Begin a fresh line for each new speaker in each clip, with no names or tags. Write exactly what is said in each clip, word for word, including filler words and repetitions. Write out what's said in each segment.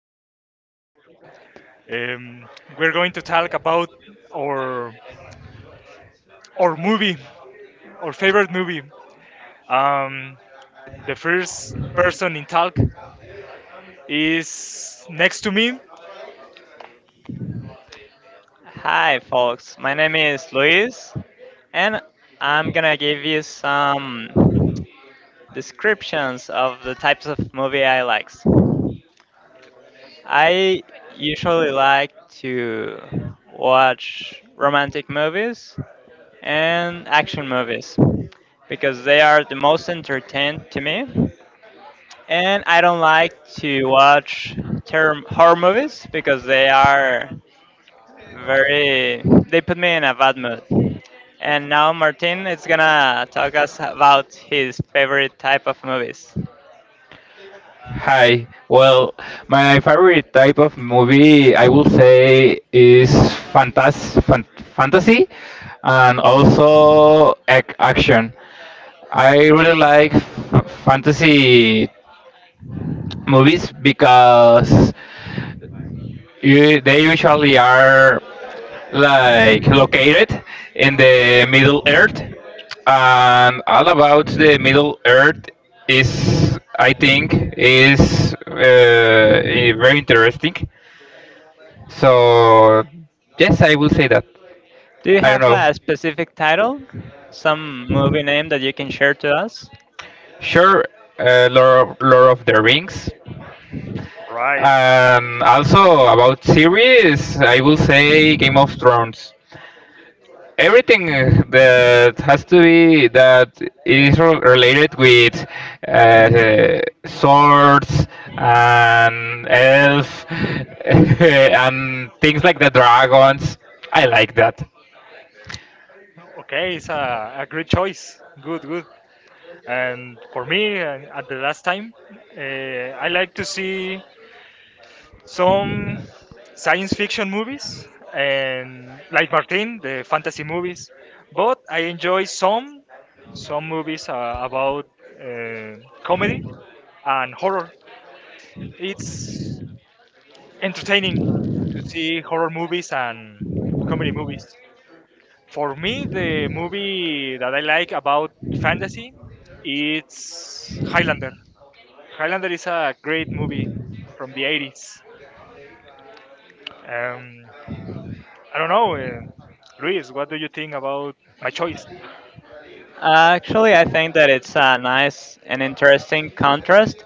our new podcast. Um, we're going to talk about our our movie, our favorite movie. Um, the first person in talk is next to me. All
Hi, folks. My name is Luis, and I'm gonna give you some descriptions of the types of movie I like. I usually like to watch romantic movies and action movies because they are the most entertained to me. And I don't like to watch term horror movies because they are very they put me in a bad mood. And now Martin is gonna talk us about his favorite type of movies.
Hi. Well, my favorite type of movie, I will say, is fantas- fan- fantasy and also ac- action. I really like f- fantasy movies because you, they usually are like located in the Middle Earth, and all about the Middle Earth is, I think, is uh, i- very interesting. So yes, I will say that.
Do you
I don't
have
know.
a specific title? Some movie name that you can share to us?
Sure, uh, Lord, of, Lord of the Rings.
right.
And also about series, I will say Game of Thrones. Everything that has to be that is re- related with uh, swords and elf and things like the dragons. I like that.
Okay, it's a, a great choice. Good, good. And for me, uh, at the last time, uh, I like to see some science fiction movies and, like Martin, the fantasy movies. But I enjoy some some movies uh, about uh, comedy and horror. It's entertaining to see horror movies and comedy movies. For me, the movie that I like about fantasy, it's Highlander. Highlander is a great movie from the eighties. Um, I don't know, uh, Luis. What do you think about my choice?
Actually, I think that it's a nice and interesting contrast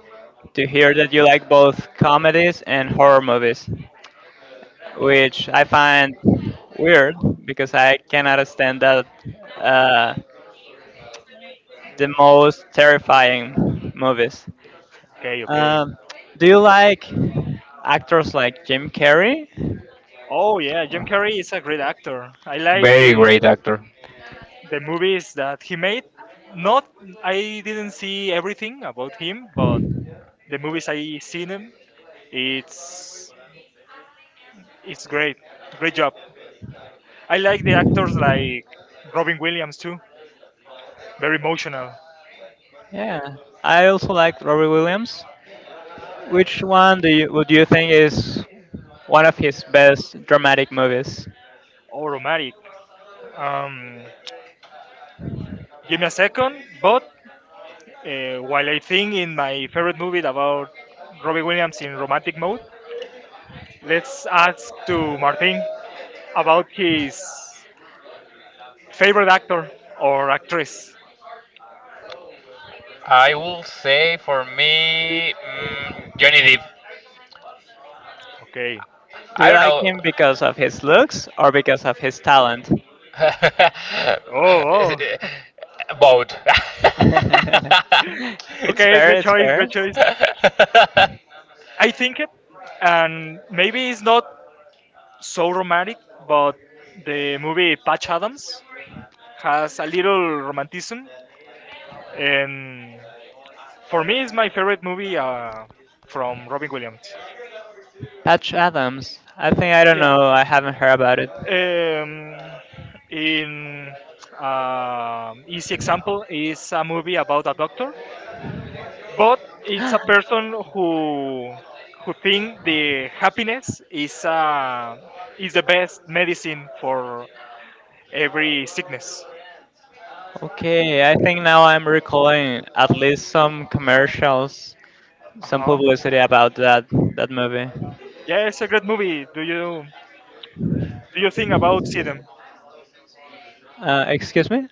to hear that you like both comedies and horror movies, which I find weird because I cannot stand that, uh, the most terrifying movies.
Okay, okay.
Um, do you like actors like Jim Carrey?
Oh yeah, Jim Carrey is a great actor. I like
Very
the
great actor.
the movies that he made. Not I didn't see everything about him, but the movies I seen him, it's it's great. Great job. I like the actors like Robin Williams too. Very emotional
Yeah, I also like Robbie Williams. Which one do you would you think is one of his best dramatic movies?
or romantic. Um, Give me a second, but Uh, while I think in my favorite movie about Robbie Williams in romantic mode, let's ask to Martin about his favorite actor or actress.
I will say for me, mm, Johnny Depp.
Okay.
Do
I
you
don't
like
know.
him because of his looks or because of his talent?
Oh, oh.
Both.
It's
Okay,
fair,
great
it's
choice,
fair.
great choice. I think it, and maybe it's not so romantic, but the movie Patch Adams has a little romanticism, and for me, it's my favorite movie uh, from Robin Williams.
Patch Adams. I think I don't
Yeah.
know. I haven't heard about it.
Um, in um easy example is a movie about a doctor, but it's a person who who think the happiness is uh, is the best medicine for every sickness.
Okay, I think now I'm recalling at least some commercials,
Uh
some
huh.
publicity about that that movie.
Yeah, it's a great movie. Do you do you think about see them?
Uh, excuse me?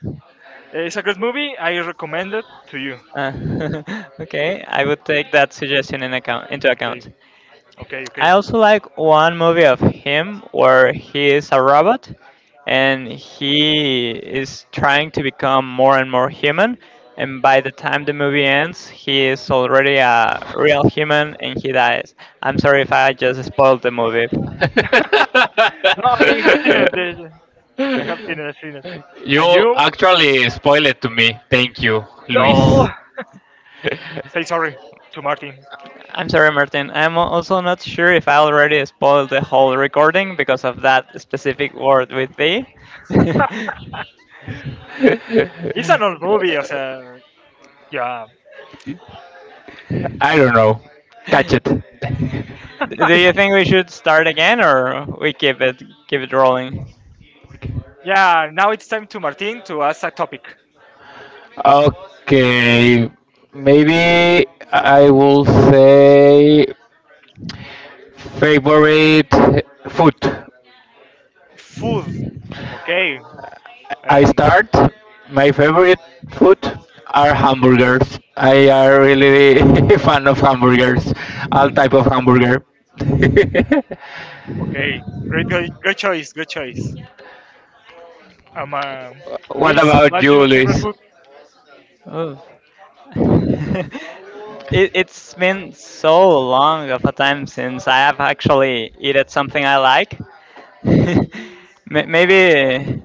Uh, It's a great movie. I recommend it to you.
Uh, okay, I would take that suggestion in account into
Okay,
account.
okay, okay.
I also like one movie of him where he is a robot and he is trying to become more and more human. And by the time the movie ends, he is already a real human and he dies. I'm sorry if I just spoiled the movie.
No, I have seen it. uh, I have seen it. I've seen it. And
you
you?
actually spoil it to me. Thank you, Luis.
No.
I'm
Say
sorry,
sorry to Martin.
Martin. I'm al- also not sure if I already spoiled the whole recording because of that specific word with thee.
It's an old movie, as a yeah,
I don't know. Catch
Do
it.
you think we should start again or we keep it keep it rolling?
yeah. Now it's time to Martin to ask a topic.
Okay, maybe I will say. Favorite food.
Food. Okay.
I
Um.
start. My favorite food are hamburgers. I are really fan of hamburgers. All type of hamburger.
Okay. Great, great, great choice. Great choice. Um. uh,
what
Luis,
about
what's
you,
your
Luis?
favorite food?
Oh. it, it's been so long of a time since I have actually eaten something I like. May- Maybe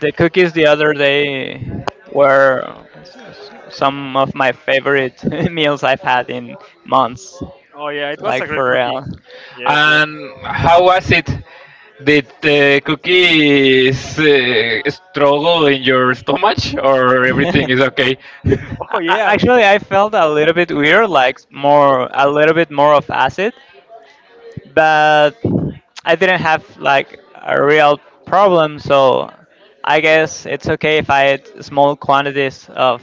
the cookies the other day were s- s- some of my favorite meals I've had in months,
Oh yeah, it was a
like
great
for
cookie.
real.
Yes. Yes.
And how was it? Did the cookies uh, struggle in your stomach, or everything is okay?
Oh
A- a-
yeah.
Actually, I felt a little bit weird, like more a little bit more of acid, but I didn't have like a real problem, so I guess it's okay if I eat small quantities of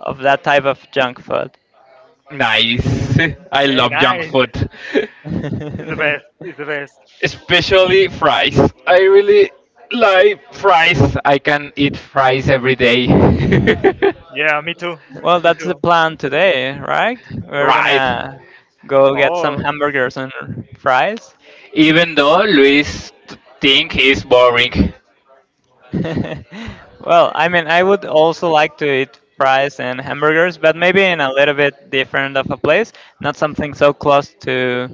of that type of junk food.
nice. I
Okay.
love junk
Nice.
food.
It's the best. It's the best.
especially fries. I really like fries. I can eat fries every day.
Yeah. Me too.
Well,
Me
that's the
too.
plan today, right? We're
right.
gonna go get some
Oh.
hamburgers and fries.
Even though Luis t- think is boring.
Well, I mean, I would also like to eat fries and hamburgers, but maybe in a little bit different of a place, not something so close to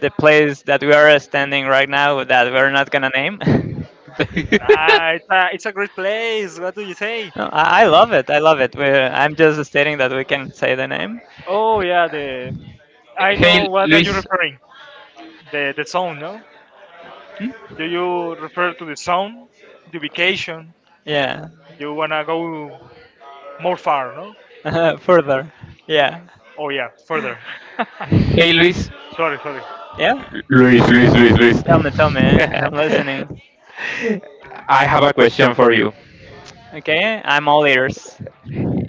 the place that we are standing right now that we're not gonna name.
Nah, it's a, it's a great place. What do you say?
No, I, I love it. I love it. We're, I'm just stating that we can say the name.
Oh yeah, the I
hey
know what are you
Luis.
referring. the the zone, no? Do
Hmm?
you refer to the zone, the vacation?
Yeah.
You wanna go more far, no?
Further. Yeah.
Oh yeah, further.
Hey Luis.
Sorry, sorry.
Yeah.
Luis, Luis, Luis, Luis.
Tell me, tell me. I'm listening.
I have a question for you.
Okay, I'm all ears.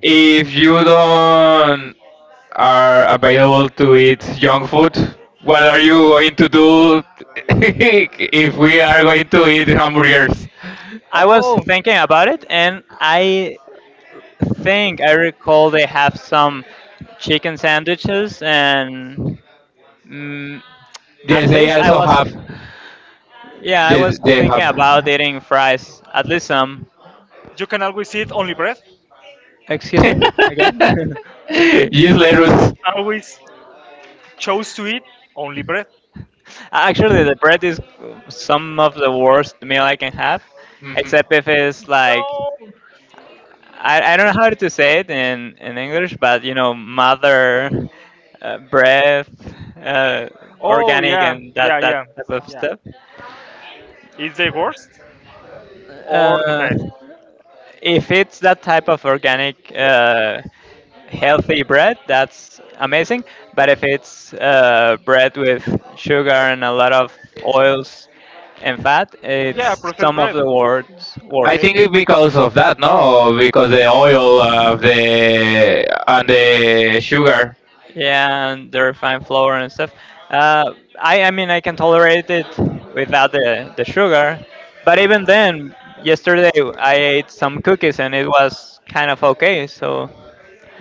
If you don't are available to eat junk food, what are you going to do if we are going to eat hamburgers?
I was
Oh,
thinking about it, and I think I recall they have some chicken sandwiches, and mm, at
Yes, they
least I
also
was,
have.
yeah, I
Yes,
was
they
thinking
have.
about eating fries, at least some.
you can always eat only bread.
Excuse me again.
You
yes,
can
lettuce.
always choose to eat only bread.
Actually, the bread is uh, some of the worst meal I can have,
Mhm.
except if it's like
No.
I, I don't know how to say it in, in English, but you know, mother uh, breath, uh,
Oh
organic,
yeah,
and
yeah,
that that
yeah,
type of
yeah.
stuff.
Is the worst or the
Uh,
best?
if it's that type of organic uh, healthy bread, that's amazing. But if it's uh, bread with sugar and a lot of oils and fat,
Yeah,
it's
processed
some of
bread.
the worst.
I
Worst.
think
Okay.
it's because of that, no, because the oil of the and the sugar.
Yeah, and the refined flour and stuff. Uh, I, I mean, I can tolerate it without the, the sugar. But even then, yesterday I ate some cookies and it was kind of okay. So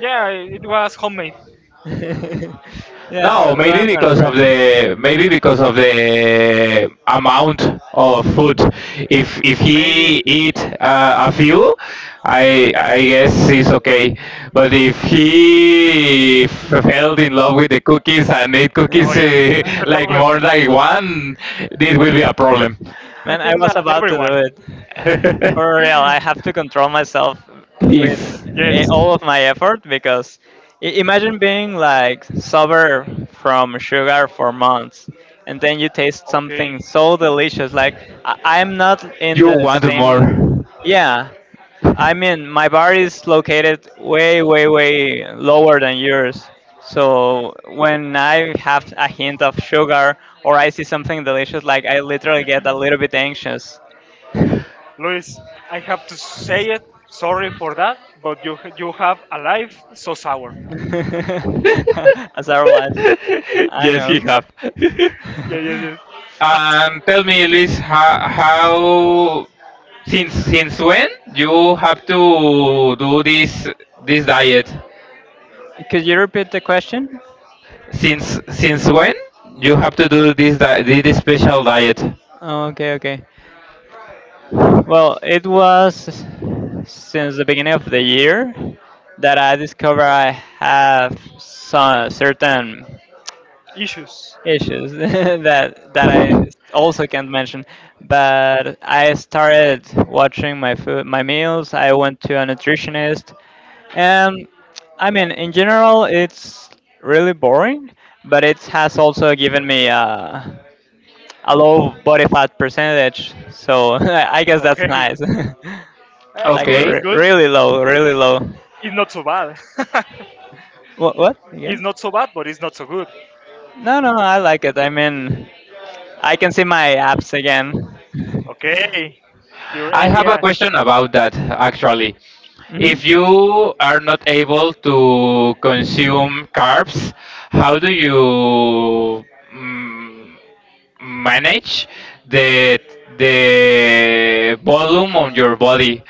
Yeah, it was homemade.
yeah,
No,
so, so I'm
maybe
gonna
because
try
of
it.
the maybe because of the amount of food. If if
Maybe.
he eat uh, a few, I I guess it's okay. But if he f- fell in love with the cookies and eat
Oh
cookies
yeah,
uh,
that's the
like
problem.
more than one, this will be a problem.
I
Man, I
think that
was about to do
everyone.
it. For real, I have to control myself with
Please,
eh,
Yes.
all of my effort because i- imagine being like sober from sugar for months and then you taste something
Okay.
so delicious. Like, I- I'm not in
you
the
want more.
same. Yeah, I mean, my bar is located way, way, way lower than yours. So when I have a hint of sugar or I see something delicious, like I literally get a little bit anxious.
Luis, I have to say it. Sorry for that, but you you have a life so sour.
As our life, I
yes, he
know.
have.
Yeah, yeah, yeah. Has
And tell me, Liz, how, how Since since when you have to do this this diet?
Could you repeat the question?
Since since when you have to do this di- this special diet?
Okay, okay. Well, it was since the beginning of the year that I discovered I have some certain
issues.
issues that that I also can't mention. But I started watching my food, my meals. I went to a nutritionist, and I mean, in general, it's really boring. But it has also given me a, a low body fat percentage. So I guess that's
Okay,
nice.
uh, it's
Like
good.
Okay.
It's
re-
good.
really low, really low.
It's not so bad.
What? What
It's
again?
not so bad, but it's not so good.
No, no, no, I like it. I mean, I can see my apps again.
Okay, your
I have a
A B S.
question about that actually.
Mhm.
If you are not able to consume carbs, how do you manage the the volume on your body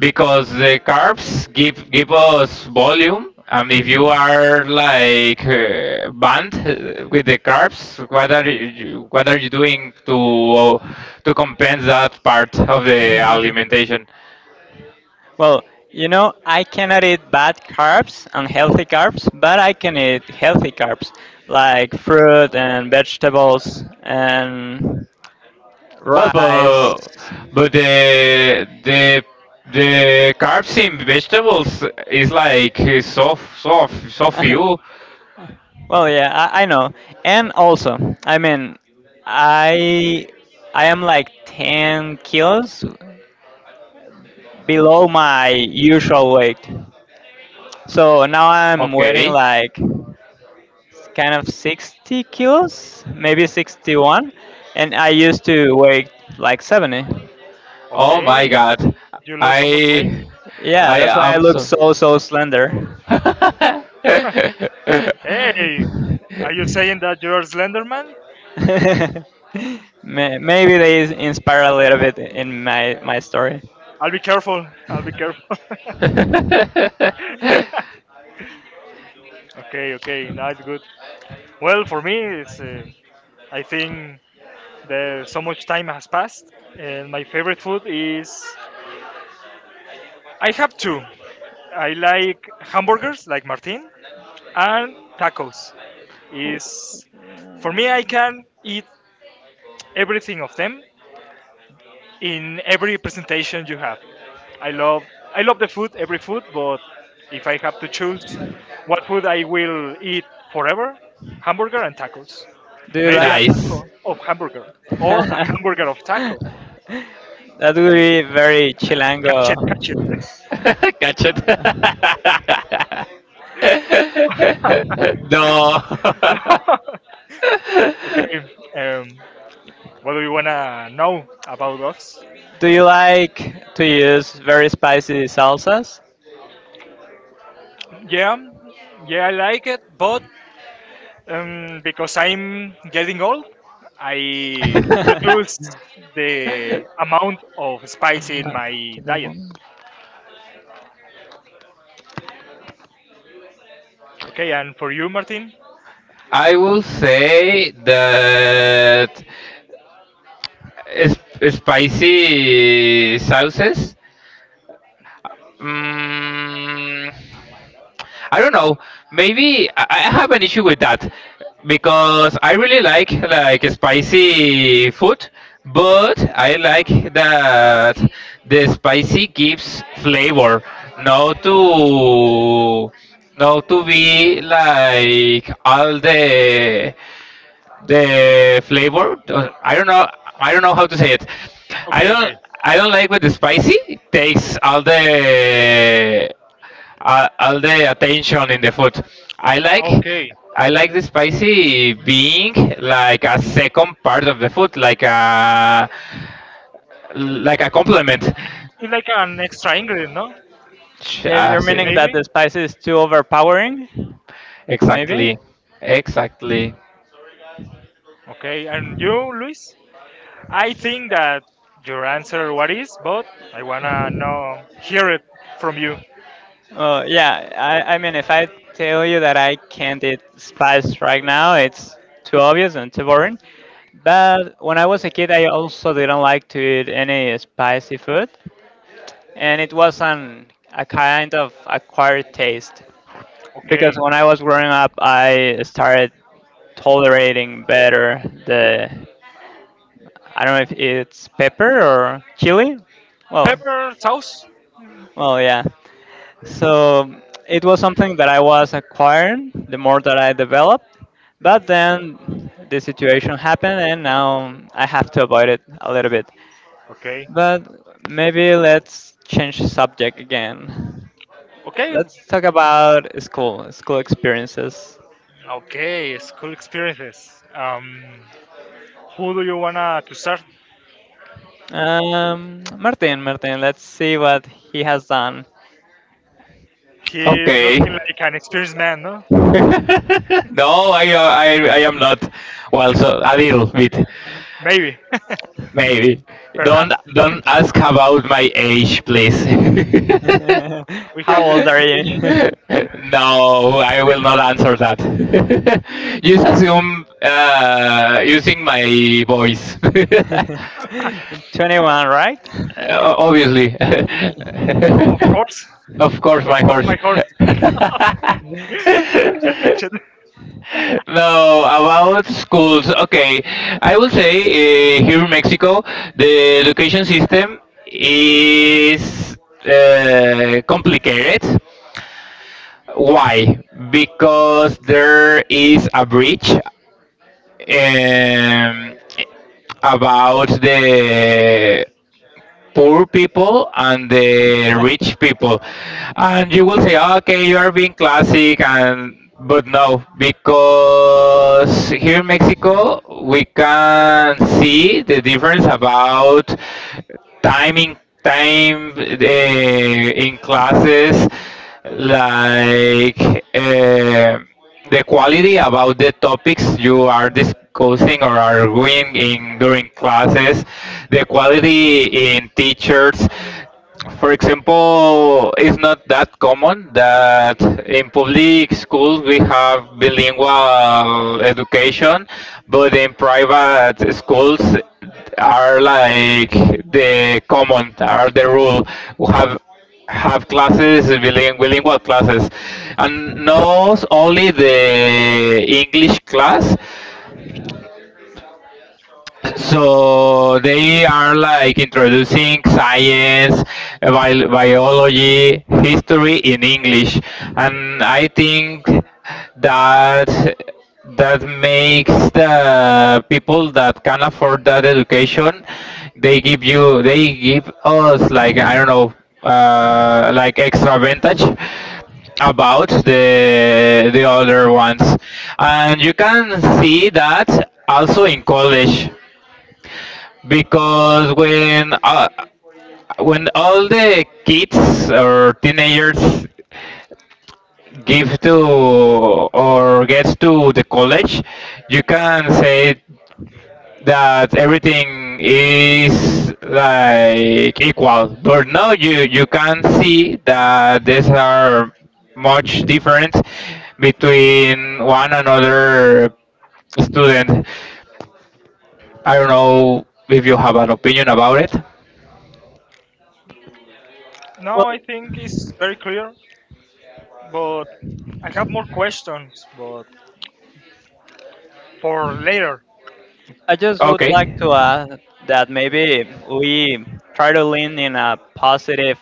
because the carbs give give us volume, and if you are like uh, banned uh, with the carbs, what are you, what are you, doing to to compensate that part of the alimentation?
Well, you know, I cannot eat bad carbs, unhealthy carbs, but I can eat healthy carbs like fruit and vegetables and
Well
rice.
but, but the the the carbs in vegetables is like uh, so so so few.
Well, yeah, I, I know. And also, I mean, I I am like ten kilos below my usual weight. So now I'm weighing
Okay.
like kind of sixty kilos, maybe sixty-one, and I used to weigh like seventy.
Oh my
Okay,
god.
you lost so much
I
weight.
Yeah,
I
that's why I
am
look
so
so so slender.
Hey, are you saying that you're Slenderman?
May- maybe they is- inspire a little bit in my my story.
I'll be careful. I'll be careful. Okay, okay, now it's good. Well, for me, it's. Uh, I think there, so much time has passed, and my favorite food is. I have two. I like hamburgers, like Martin, and tacos. Is for me, I can eat everything of them in every presentation you have. I love, I love the food, every food, but if I have to choose what food I will eat forever, hamburger and tacos.
Do you
Maybe
like?
a
Nice.
taco of hamburger or a
That
hamburger of taco.
would
Maybe
be very
catch it, catch it.
chilango.
Catch it. no.
Okay, um, what do you wanna know about dogs?
Do you like to use very spicy salsas?
Yeah, yeah, I like it, but um, because I'm getting old, I reduce the amount of spice in
Uh,
my
Give me a
diet.
moment.
Okay, and for you, Martin?
I will say that is spicy sauces. Mm, I don't know. Maybe I I have an issue with that because I really like like spicy food, but I like that the spicy gives flavor, not to not to be like all the the flavor. uh, I don't know. I don't know how to say it. I
Okay,
don't.
okay,
I don't like with the spicy. Takes all the uh, all the attention in the food. I like.
okay.
I like the spicy being like a second part of the food, like a like a complement.
It's like an extra ingredient, no?
Ch-
Yeah,
ah,
you're
sí.
meaning that the
Maybe.
spice is too overpowering, maybe?
Exactly. Exactly.
Okay, and you, Luis? I think that your answer what is, but I wanna know hear it from you.
Well, yeah, I, I mean, if I tell you that I can't eat spice right now, it's too obvious and too boring. But when I was a kid, I also didn't like to eat any spicy food, and it was an, a kind of acquired taste. Because
Okay.
when I was growing up, I started tolerating better the, I don't know if it's pepper or chili. Well,
Pepper sauce.
well, yeah. So it was something that I was acquiring the more that I developed. But then the situation happened, and now I have to avoid it a little bit.
Okay.
But maybe let's change the subject again.
Okay,
Let's talk about school, school experiences.
okay, school experiences. Um, who do you wanna to start?
Um, Martin, Martin, let's see what he has done.
He's
Okay.
looking like an experienced man, no?
no, I, uh, I, I am not. Well, so a little bit,
Maybe,
maybe. Don't,
perhaps.
don't ask about my age, please.
We
How
have the
old are
same age.
you?
no, I will not answer that. Just assume uh, using my voice.
twenty-one, right?
O- Obviously.
Oh, of course,
of course,
of
my
course,
horse.
my horse. Catch catch it.
No, about schools. Okay, I will say uh, here in Mexico, the education system is uh, complicated. Why? Because there is a breach um, about the poor people and the rich people, and you will say, okay, you are being classic and, but no, because here in mexico we can see the difference about time in time uh, in classes, like uh, the quality about the topics you are discussing or arguing in during classes, the quality in teachers. For example, it's not that common that in public schools we have bilingual education, but in private schools are like the common, are the rule. We have have classes, biling- bilingual classes, and not only the English class, so they are like introducing science, bi- biology, history in English, and I think that that makes the people that can afford that education, they give you they give us, like, I don't know, uh, like, extra advantage about the the other ones. And you can see that also in college because when uh, when all the kids or teenagers give to or gets to the college, you can say that everything is like equal. But now you you can see that there's are much difference between one another student. I don't know if you have an opinion about it.
Well,
No, I think it's very clear, but I have more questions, but for later.
I just would
Okay.
like to add that maybe we try to lean in a positive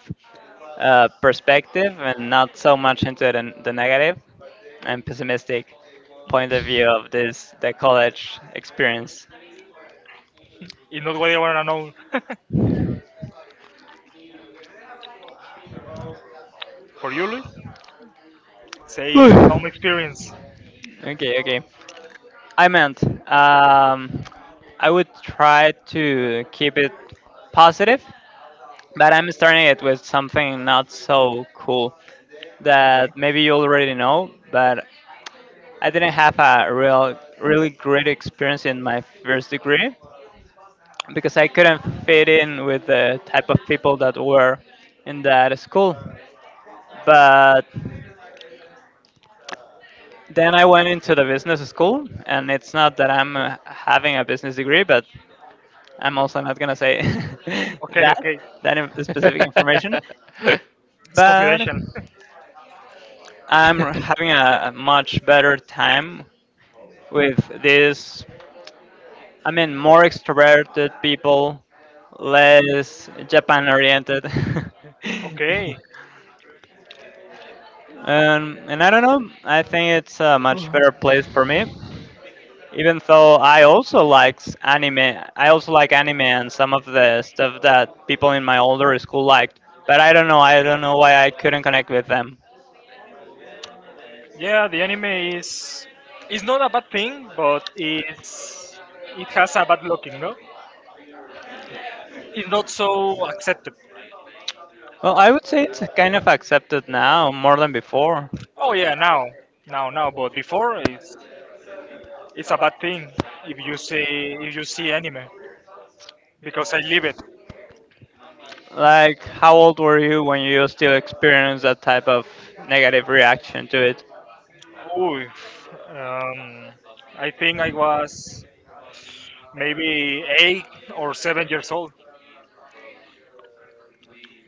uh, perspective and not so much into the, the negative and pessimistic point of view of this the college experience.
It's not what I wanna know for you, Luis. Say some experience.
Okay, okay. I meant, um, I would try to keep it positive, but I'm starting it with something not so cool
Okay,
that maybe you already know, but I didn't have a real, really great experience in my first degree because I couldn't fit in with the type of people that were in that school. But then I went into the business school, and it's not that I'm uh, having a business degree, but I'm also not gonna say
okay,
that
okay.
that in- specific information,
It's
but
confidential.
I'm having a, a much better time with this. I mean, more extroverted people, less Japan oriented.
Okay,
Um, and I don't know. I think it's a much better place for me. Even though I also likes anime, I also like anime and some of the stuff that people in my older school liked. But I don't know. I don't know why I couldn't connect with them.
yeah, the anime is it's not a bad thing, but it's it has a bad looking, no? It's not so accepted.
Well, I would say it's kind of accepted now more than before.
Oh yeah, now, now, now. But before, it's it's a bad thing if you see if you see anime because I live it.
Like, how old were you when you still experienced that type of negative reaction to it?
Ooh, um, I think I was maybe eight or seven years old.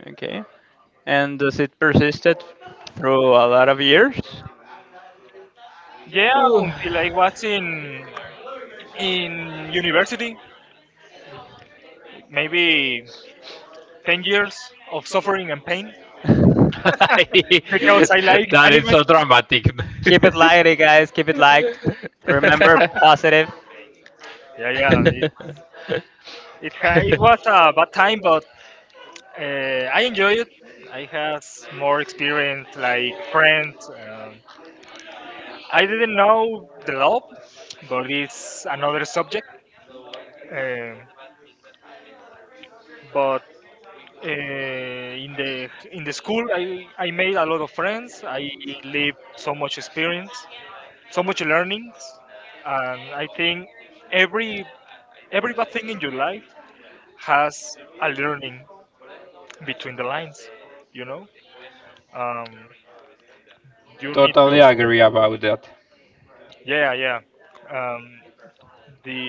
Okay. And does it persisted through a lot of years?
Yeah, until I was in in university, maybe ten years of suffering and pain. Because I like
that is
anime.
so dramatic.
Keep it light, eh, guys. Keep it light. Remember, positive.
Yeah, yeah. It it, ha- it was a bad time, but uh, I enjoy it. I have more experience, like friends. Um, I didn't know the love, but it's another subject. Um but uh, in the in the school, I, I made a lot of friends. I lived so much experience, so much learnings, and I think every every bad thing in your life has a learning between the lines, you know, um, you need
Totally
to
agree about that.
yeah yeah um, the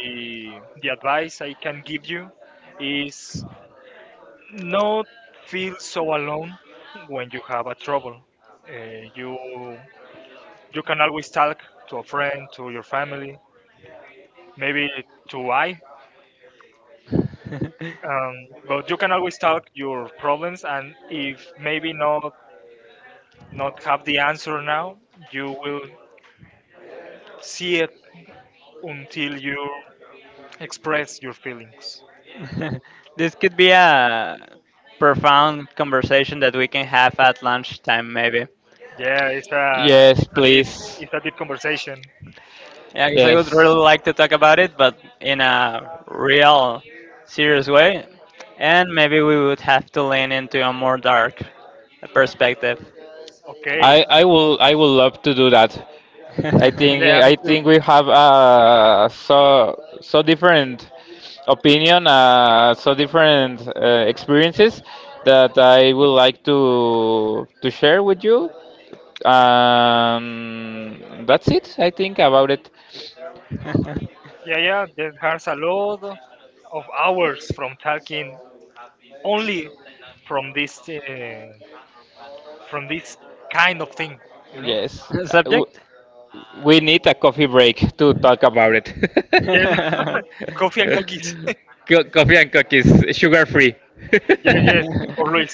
the advice I can give you is not feel so alone when you have a trouble, uh, you you can always talk to a friend, to your family, maybe to I um, but you can always talk your problems, and if maybe not not have the answer now, you will see it until you express your feelings.
This could be a profound conversation that we can have at lunchtime, maybe.
Yeah, it's a
yes,
it's a deep
please.
it's a deep conversation.
Yeah, because I would
Yes.
really like to talk about it, but in a real, serious way. And maybe we would have to lean into a more dark perspective.
I
Okay.
I will I will love to do that. I
Yeah,
think
me
I
too.
think we have uh so so different opinion, uh, so different uh, experiences that I would like to to share with you. Um, that's it, I think, about it.
Yeah, yeah. There has a lot of hours from talking only from this uh, from this kind of thing. You know.
Yes,
Subject?
We need a coffee break to talk about it.
Yes.
Well,
Coffee and cookies.
Co- coffee and cookies, sugar free.
Yes, yes. For Luis.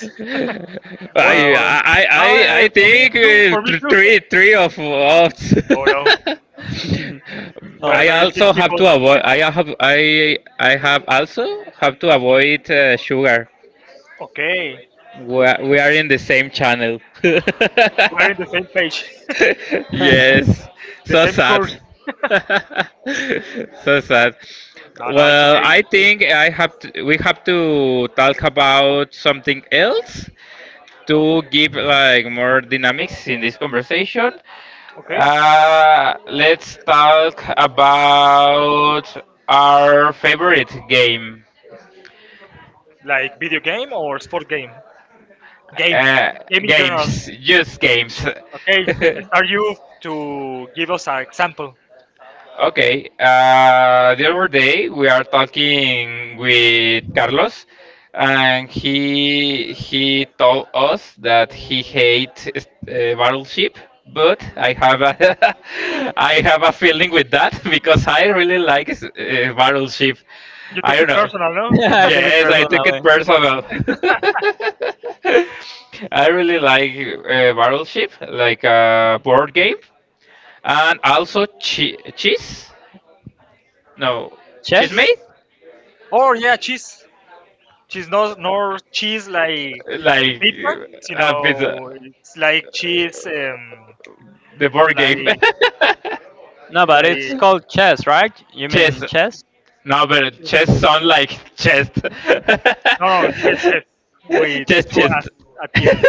Only
I,
for. Oh,
well
I I
uh,
I
for me
think
too.
uh,
For me
th-
too.
three three of us.
Oh no, we're
I
very sick
also have
people.
to avoid. I have I I have also have to avoid uh, sugar.
Okay,
We are, we are in the same channel.
we're in the same page,
yes,
the
so
same
sad.
course.
so sad.
No, no, it's
Well,
okay, it's
I
okay.
think I have to, we have to talk about something else to give like more dynamics in this conversation.
Okay,
Uh, let's talk about our favorite game.
like video game or sport game? Game,
Uh,
game in general.
games, just games.
Okay, start you to give us an example.
Okay. Uh, the other day we are talking with Carlos, and he he told us that he hates uh, Battleship, but I have a I have a feeling with that because I really like uh, Battleship.
You
I
took
don't
it
know.
personal, no?
yeah, I take it
Yes, I took it
personally.
personal. I really like uh, Battleship, like a board game, and also che- cheese. No,
Cheese?
Chess?
Chismes?
Oh yeah, cheese. Cheese, no, nor cheese like
Like
pizza. You
uh, a bit, uh,
know, it's like cheese, um,
the board game.
like
No, but it's
like
called chess, right? You
chess.
mean chess?
No, but
cheese.
chess sound like chest.
No, no, cheese, cheese with
chest,
two at
chest.
at the end.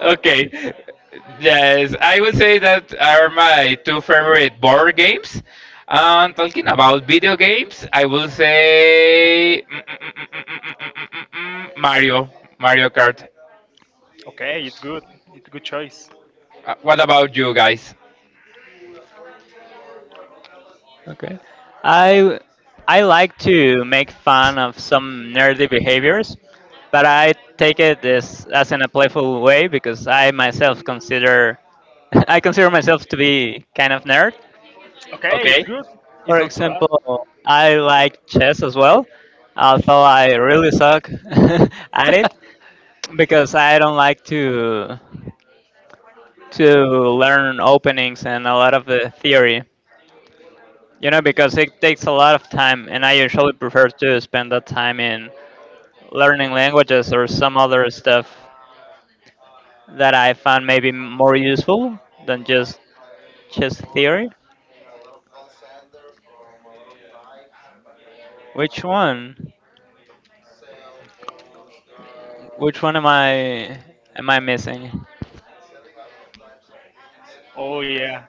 okay. Yes, I would say that are my two favorite board games. And talking about video games, I will say mm, mm, mm, mm, mm, mm, mm, mm, mm, mm, mm, mm, Mario, Mario Kart.
Okay, it's good. It's a good choice.
Uh, What about you guys?
Okay. I I like to make fun of some nerdy behaviors, but I take it as as in a playful way because I myself consider I consider myself to be kind of nerd.
Okay, it's
Okay.
good. It's
For
not so bad.
example, I like chess as well, although I really suck at it because I don't like to to learn openings and a lot of the theory. You know, because it takes a lot of time, and I usually prefer to spend that time in learning languages or some other stuff that I find maybe more useful than just just theory. Which one? Which one am I am I missing?
Oh yeah.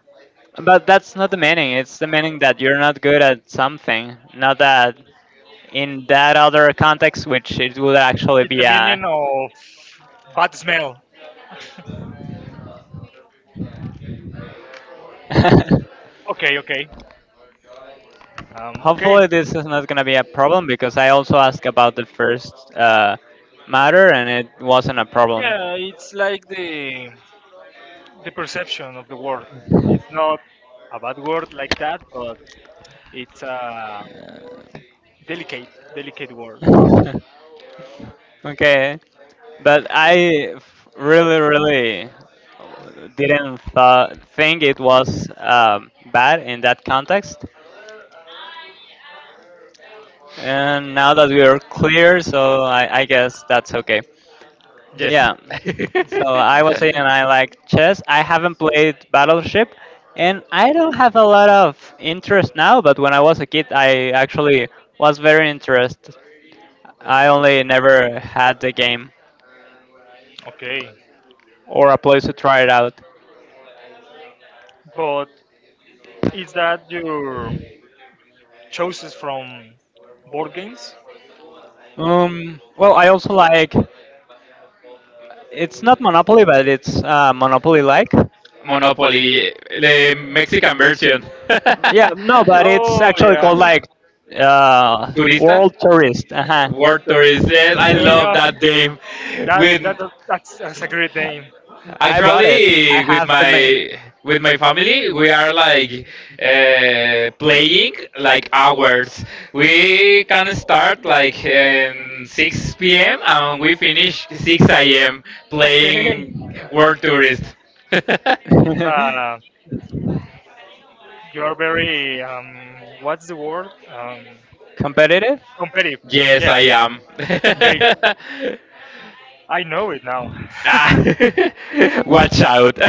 But that's not the meaning. It's the meaning that you're not good at something, not that in that other context, which it would actually
It's the
be a
meaning of bad smell. Okay, okay. Um, okay.
Hopefully, this is not going to be a problem because I also asked about the first uh, matter and it wasn't a problem.
Yeah, it's like the the perception of the word. It's not a bad word like that, but it's a delicate, delicate word.
Okay, but I f- really, really didn't th- think it was um, bad in that context. And now that we are clear, so I, I guess that's okay.
Yes.
Yeah. So I was saying I like chess. I haven't played Battleship, and I don't have a lot of interest now. But when I was a kid, I actually was very interested. I only never had the game
Okay.
or a place to try it out.
But is that your choices from board games?
Um. Well, I also like. It's not Monopoly, but it's uh, Monopoly-like.
Monopoly, the Mexican version.
Yeah. No, but it's
Oh
actually
yeah.
called like uh,
Turista?
World Tourist. Uh huh.
World Tourist. Yes, I
Okay,
love
yeah.
that game.
That
With
that that's, that's a great name.
I bought it. I
Actually, with
have the.
my with my family, we are like uh, playing like hours. We can start like in six p m and we finish six a m
Okay.
playing World Tourist.
It's,
ma-
uh, you are very um, what's the word? Um,
Competitive?
competitive. Uh,
yes,
yeah.
I am.
Okay. I know it now.
ah, watch out.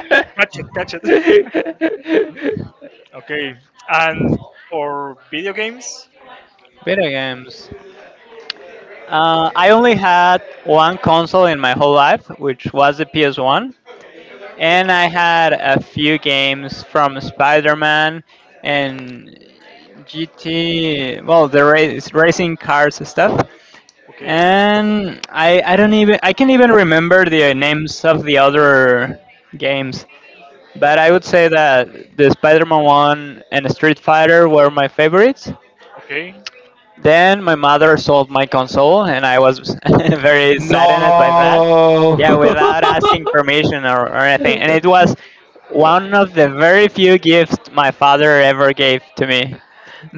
Catch it, catch it. Okay. And for video games.
Video games. Uh, I only had one console in my whole life, which was the P S one, and I had a few games from Spider-Man and G T, well, the race, racing cars stuff.
Okay.
And I, I don't even I can't even remember the names of the other games, but I would say that the Spider-Man one and Street Fighter were my favorites.
Okay.
Then my mother sold my console, and I was very saddened by
no.
that. Yeah, without asking permission or, or anything. And it was one of the very few gifts my father ever gave to me.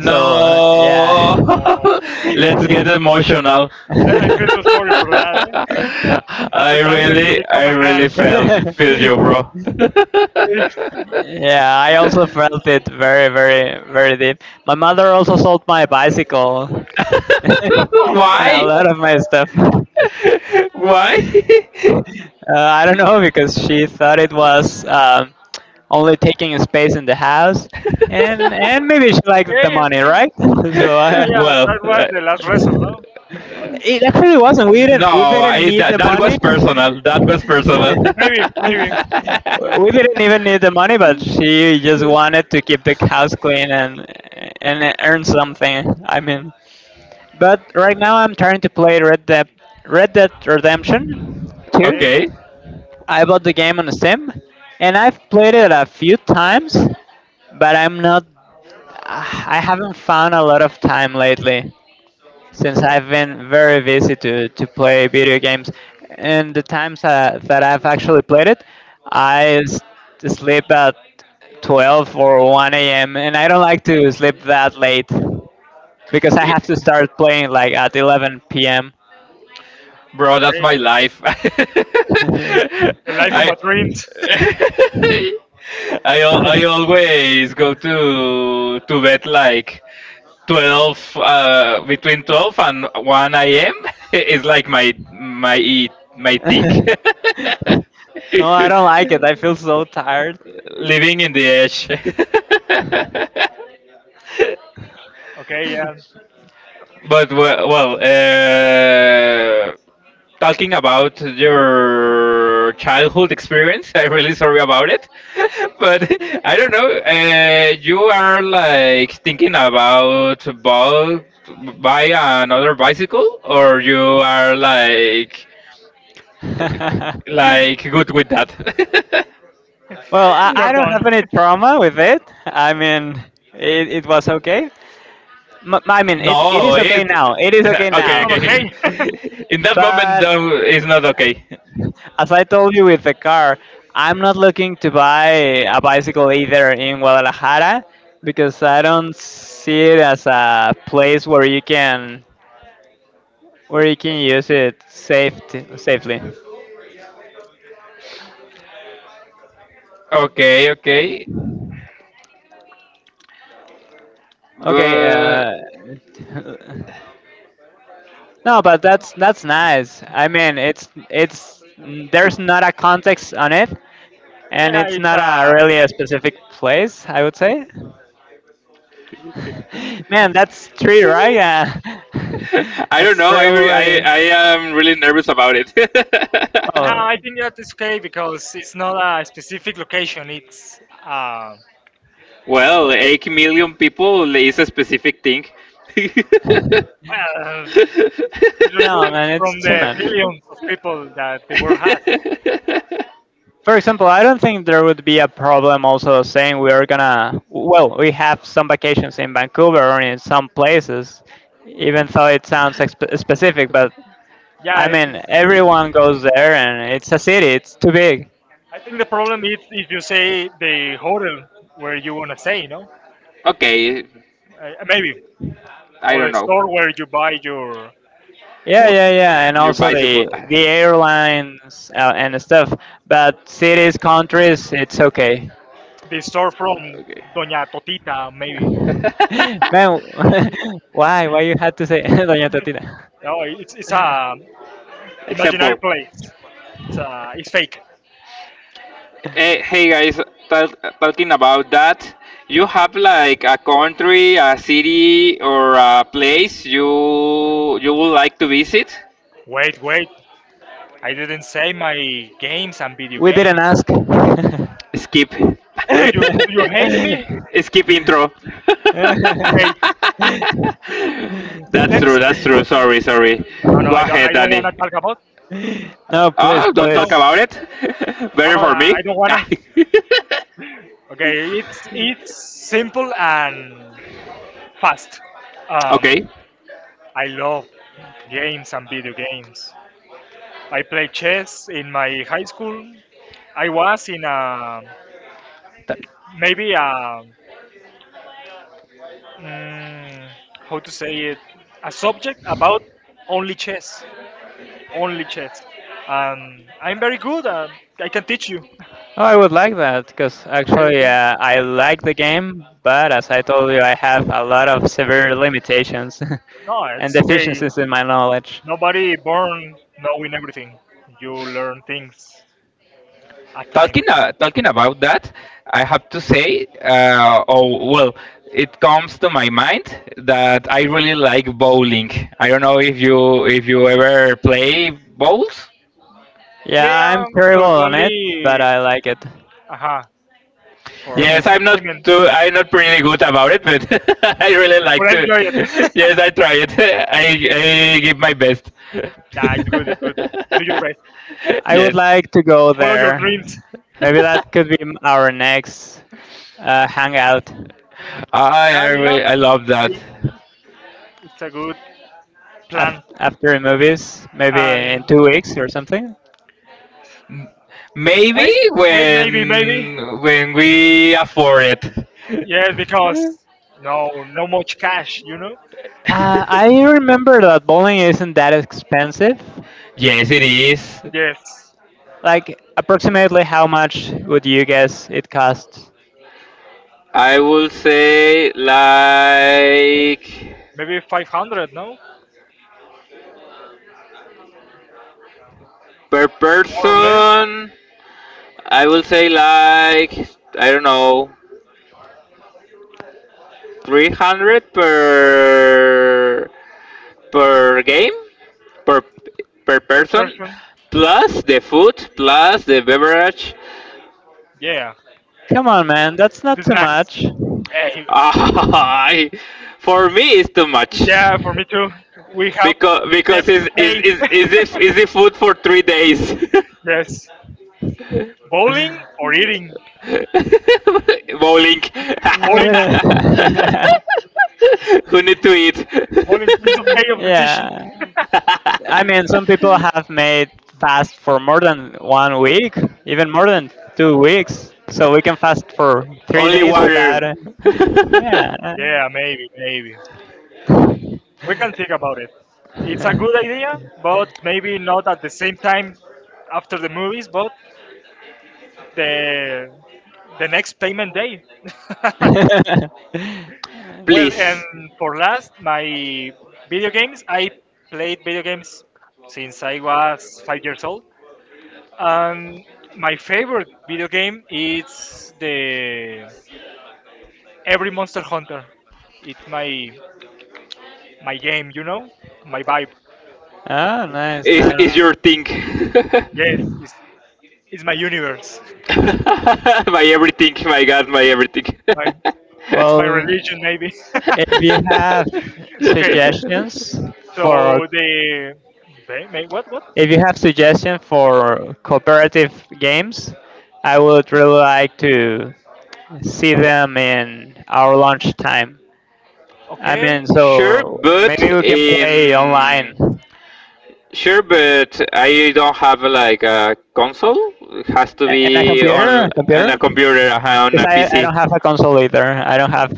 So, uh, yeah.
Uh,
let's
Yeah,
get emotional.
I, I feel so sorry for that. Eh. That's
I
the time when you
really,
become
I
a
really
man.
felt feel you, bro.
I also felt it very, very, very deep. My mother also sold my bicycle
Oh
and
no.
a
Why?
lot of my stuff.
Why?
Uh, I don't know because she thought it was um, only taking a space in the house, and and maybe she liked the
Okay.
money,
Okay.
right? So
Yeah.
I,
Yeah.
well,
That was
uh,
the last resort. No.
it actually wasn't. We
no,
didn't we didn't
I
need
that,
the
that,
money.
was personal. That was personal.
We
Maybe. Maybe. Maybe.
didn't even need the money, but she just wanted to keep the house clean and and earn something. I mean, but right now I'm trying to play Red Dead Red Dead Redemption two.
Okay.
okay.
I bought the game on Steam, and I've played it a few times, but I'm not. I haven't found a lot of time lately since I've been very busy to, to play video games. And the times uh, that I've actually played it, I s- sleep at twelve or one a m and I don't like to sleep that late because I have to start playing like at eleven p m
Bro, that's
Okay.
my life.
The life of
I
my dreams.
I al- I always go to to bed like twelve uh, between twelve and one a m is like my my my thing.
No, I don't like it. I feel so tired.
living in the edge.
Okay. Yeah.
but well, well uh, talking about your childhood experience. I'm really sorry about it, but I don't know. Uh, you are like thinking about bu- buy another bicycle, or you are like like good with that.
Well, I,
You're
I don't
done.
have any trauma with it. I mean, it, it was okay. M- I mean, it, it
no,
is okay
it.
now. It is
Yeah,
okay
It's
okay,
now.
not
okay.
okay.
In that moment,
But
though, it's not okay.
as I told you with the car, I'm not looking to buy a bicycle either in Guadalajara because I don't see it as a place where you can where you can use it safety, safely.
Okay, okay.
Okay,
But
uh, no, but that's that's nice. I mean, it's it's mm, there's not a context on it, and
Yeah.
it's
It's
not a
a
really a specific place, I would say. Man, that's three, right? Yeah,
I don't
that's
know.
three
I re- I
already.
I am really nervous about it.
no,
Oh
I think that is okay because it's not a specific location. It's uh,
well, eight million people is a specific thing.
well, it's
no,
removed
man,
from
it's too
the
much.
billions of people that the world has.
For example, I don't think there would be a problem also saying we are gonna, well, we have some vacations in Vancouver or in some places, even though it sounds exp- specific, but
Yeah, I
I
think
mean, everyone goes there and it's a city, it's too big.
the problem is if you say the hotel where you want to stay, you know,
okay,
uh, maybe,
I
or
don't
the
know.
store where you buy your
Yeah,
food,
yeah, yeah, and
Your
also the
bicycle.
the airlines uh, and stuff, but cities, countries, it's okay.
the store from
Okay.
Doña Totita, maybe.
Man, why? Why you had to say Doña Totita?
No, it's it's a imaginary
Example.
place. It's uh, it's fake.
Hey, hey guys, tal- talking about that, you have like a country, a city, or a place you you would like to visit?
Wait, wait! I didn't say my games and video
We
games.
didn't ask.
Skip.
Do you do you hate me?
Skip intro.
Okay,
that's
let's
true.
skip.
That's true. Sorry. Sorry.
No, no,
Go
I don't.
ahead,
I don't want
Danny.
to talk about.
No,
Ah,
please,
Not
don't
now.
talk
please.
about it.
No,
Better
no,
for
I
me.
I don't wanna. Okay, it's it's simple and fast. Um,
okay.
I love games and video games. I play chess in my high school. I was in a maybe a mm, how to say it a subject about only chess, only chess. Um, I'm very good. Uh, I can teach you.
Oh, I would like that because
Okay,
actually
okay.
uh, I like the game, but as I told you, I have a lot of severe limitations
No,
and
it's okay.
deficiencies in my knowledge.
Nobody born knowing everything. You learn things at time.
Talking uh, talking about that, I have to say, uh, oh well, it comes to my mind that I really like bowling. I don't know if you if you
Okay.
ever play bowls.
Yeah, I'm
Yeah,
terrible
but
on it, but
only
I like it.
uh for
Yes, I'm not
entertainment.
too, I'm not pretty good about it, but I really
But
like
I
to.
enjoy it.
Yes, I try it. I
Okay.
I give my best.
Nah, it's good. It's good. Do your best.
I
yes,
would like to go
Follow your
there.
dreams.
Maybe that could be m- our next uh, hangout
I
Yeah,
I,
yeah.
re- I love
It's
that.
good. It's a good
af-
plan.
after the movies, maybe in
And
two weeks or something.
Maybe
wait, wait, maybe, maybe.
when when we afford it.
Yeah, because no, no much cash. You know.
Uh, I remember that bowling isn't that expensive.
Yes, it is.
Yes,
Like, approximately how much would you guess it costs?
I will say like
maybe five hundred. No,
per
more or less
person. I will say like I don't know three hundred per per game per per
per
person,
person.
plus the food, plus the beverage.
Yeah.
Come on, man, that's not
The
too
snacks.
much.
Eh,
I- for me, it's too much
yeah, for me too. We have
because because
debts to
it's
pay.
is is is it is it food for three days.
Yes. Bowling or eating?
Bowling.
Bowling,
Yeah.
Who need to eat?
bowling piece of cake of decision.
Yeah. I mean, some people have made fast for more than one week, even more than two weeks. So we can fast for three
Only
days without.
water.
Yeah.
Yeah, maybe, maybe. We can think about it. It's a good idea, but maybe not at the same time after the movies, but the the next payment day. Well,
Please.
and for last, my video games. I played video games since I was five years old. And my favorite video game is the every Monster Hunter. It's my my game, you know, my vibe.
Oh,
It,
nice,
it's
Is is
nice.
uh
your thing?
yes, it's it's my universe.
my everything, my God, my everything.
My it's my
Well,
religion maybe.
if you have
Okay,
suggestions
so
for
the ba- ma- what what?
If you have suggestions for cooperative games, I would really like to see them in our lunch time. I mean,
Okay,
sure,
so
but
maybe we can play
in
online
sure, but I don't have like a console. It has to
A- and a
be
computer,
on
a
on a
computer,
computer on
because
a
I,
P C.
I don't have a console either. I don't have.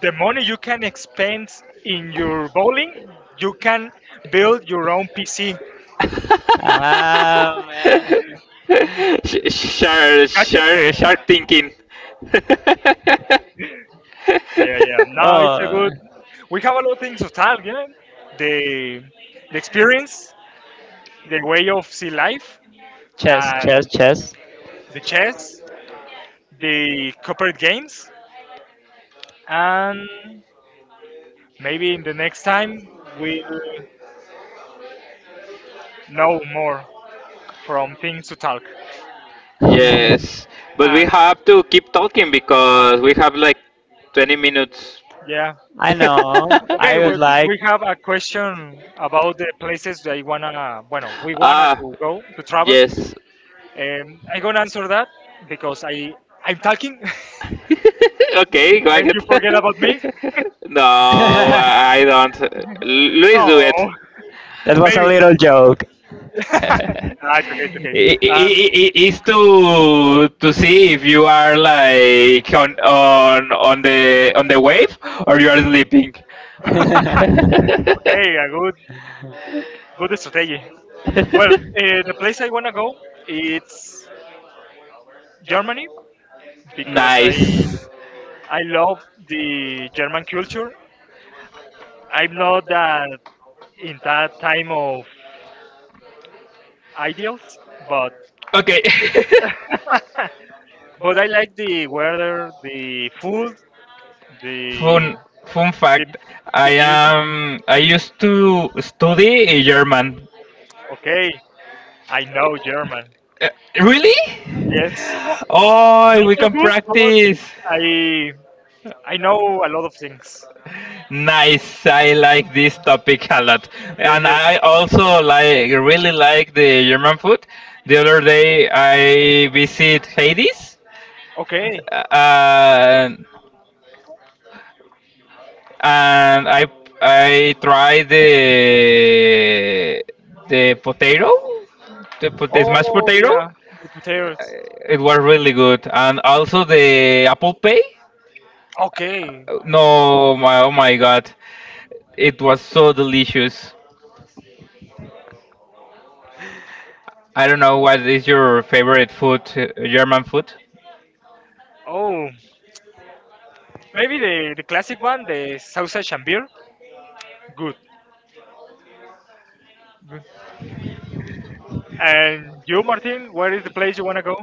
the money you can expend in your bowling, you can build your own P C.
Ah man.
Sh- sure, sure, start thinking.
Yeah, yeah. Now it's a
Oh,
good. We have a lot of things to talk. Yeah, the the experience, the way of see life,
chess,
and
chess, chess.
the chess, the corporate games, and maybe in the next time we'll know more from things to talk.
I
Yes, but we
And
have to keep talking because we have like twenty minutes.
yeah,
know.
okay.
I would
Well,
like
we have a question about the places that I wanna. Bueno, we wanna
Ah,
to go to travel.
yes.
Um, I'm gonna answer that because I I'm talking.
Okay, go
Then
ahead.
you forget about me?
No,
that
I don't.
No,
Luis, do it.
was a
maybe.
little joke.
No, it's okay, it's okay.
I-
Um,
I- I- It's to to see if you are like on on on the on the wave or you are sleeping.
okay, a good, good strategy. Well, uh, the place I wanna go it's Germany because I
Nice.
I love the German culture. I'm not that in that time of ideals, but
Okay.
but I like the weather, the food,
fun
the
fun
the
fact. I
the music.
am. I used to study German.
Okay, I know German.
Really?
Yes.
Oh,
Not
we
so
can
good, but
practice.
I I know a lot of things.
Nice. I like this topic a lot.
Yes,
And
yes.
I also like really like the German food. The other day I visit Hades
Okay.
and and I I tried the the potato, the, pot- the smashed
Oh
potato.
yeah, the potatoes.
It was really good. And also the apple pie.
Okay.
No, my oh my God. It was so delicious. I don't know what is your favorite food, uh, German food.
Oh, maybe the the classic one, the sausage and beer. Good. Good. And you, Martin, where is the place you wanna go?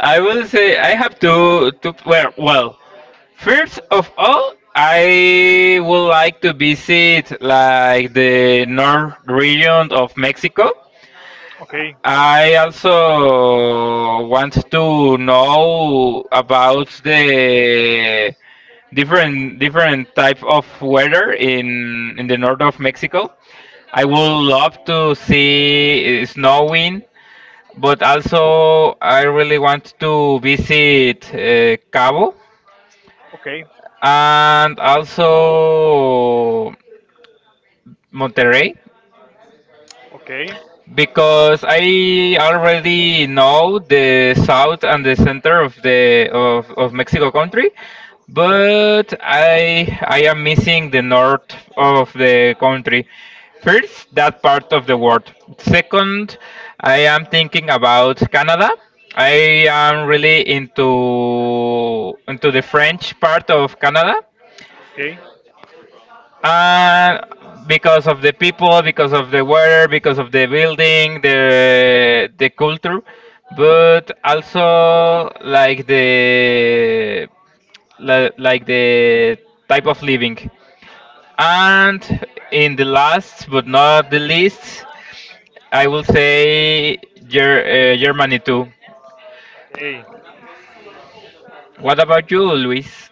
I will say I have two, two. Well, well, first of all, I would like to visit like the north region of Mexico.
Okay.
I also want to know about the different different type of weather in in the north of Mexico. I would love to see uh, snowing. But also, I really want to visit uh, Cabo
Okay.
and also Monterrey
Okay.
because I already know the south and the center of the of, of Mexico country, but I I am missing the north of the country. First, that part of the world. Second, I am thinking about Canada. I am really into into the French part of Canada
Okay.
and because of the people, because of the weather, because of the building, the the culture, but also like the li- like the type of living. And in the last but not the least, I will say Ger- uh, Germany too.
Okay.
What about you, Luis?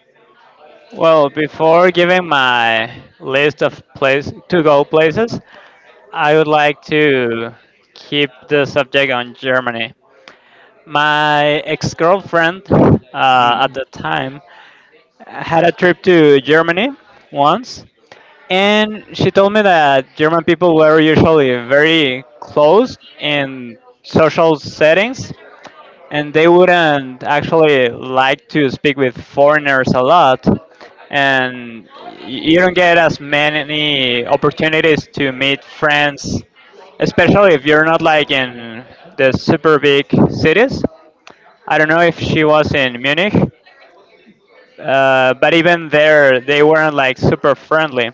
Well, before giving my list of place to go places, I would like to keep the subject on Germany. My ex-girlfriend uh, at the time had a trip to Germany once, and she told me that German people were usually very closed in social settings, and they wouldn't actually like to speak with foreigners a lot, and you don't get as many opportunities to meet friends, especially if you're not like in the super big cities. I don't know if she was in Munich, uh, but even there, they weren't like super friendly.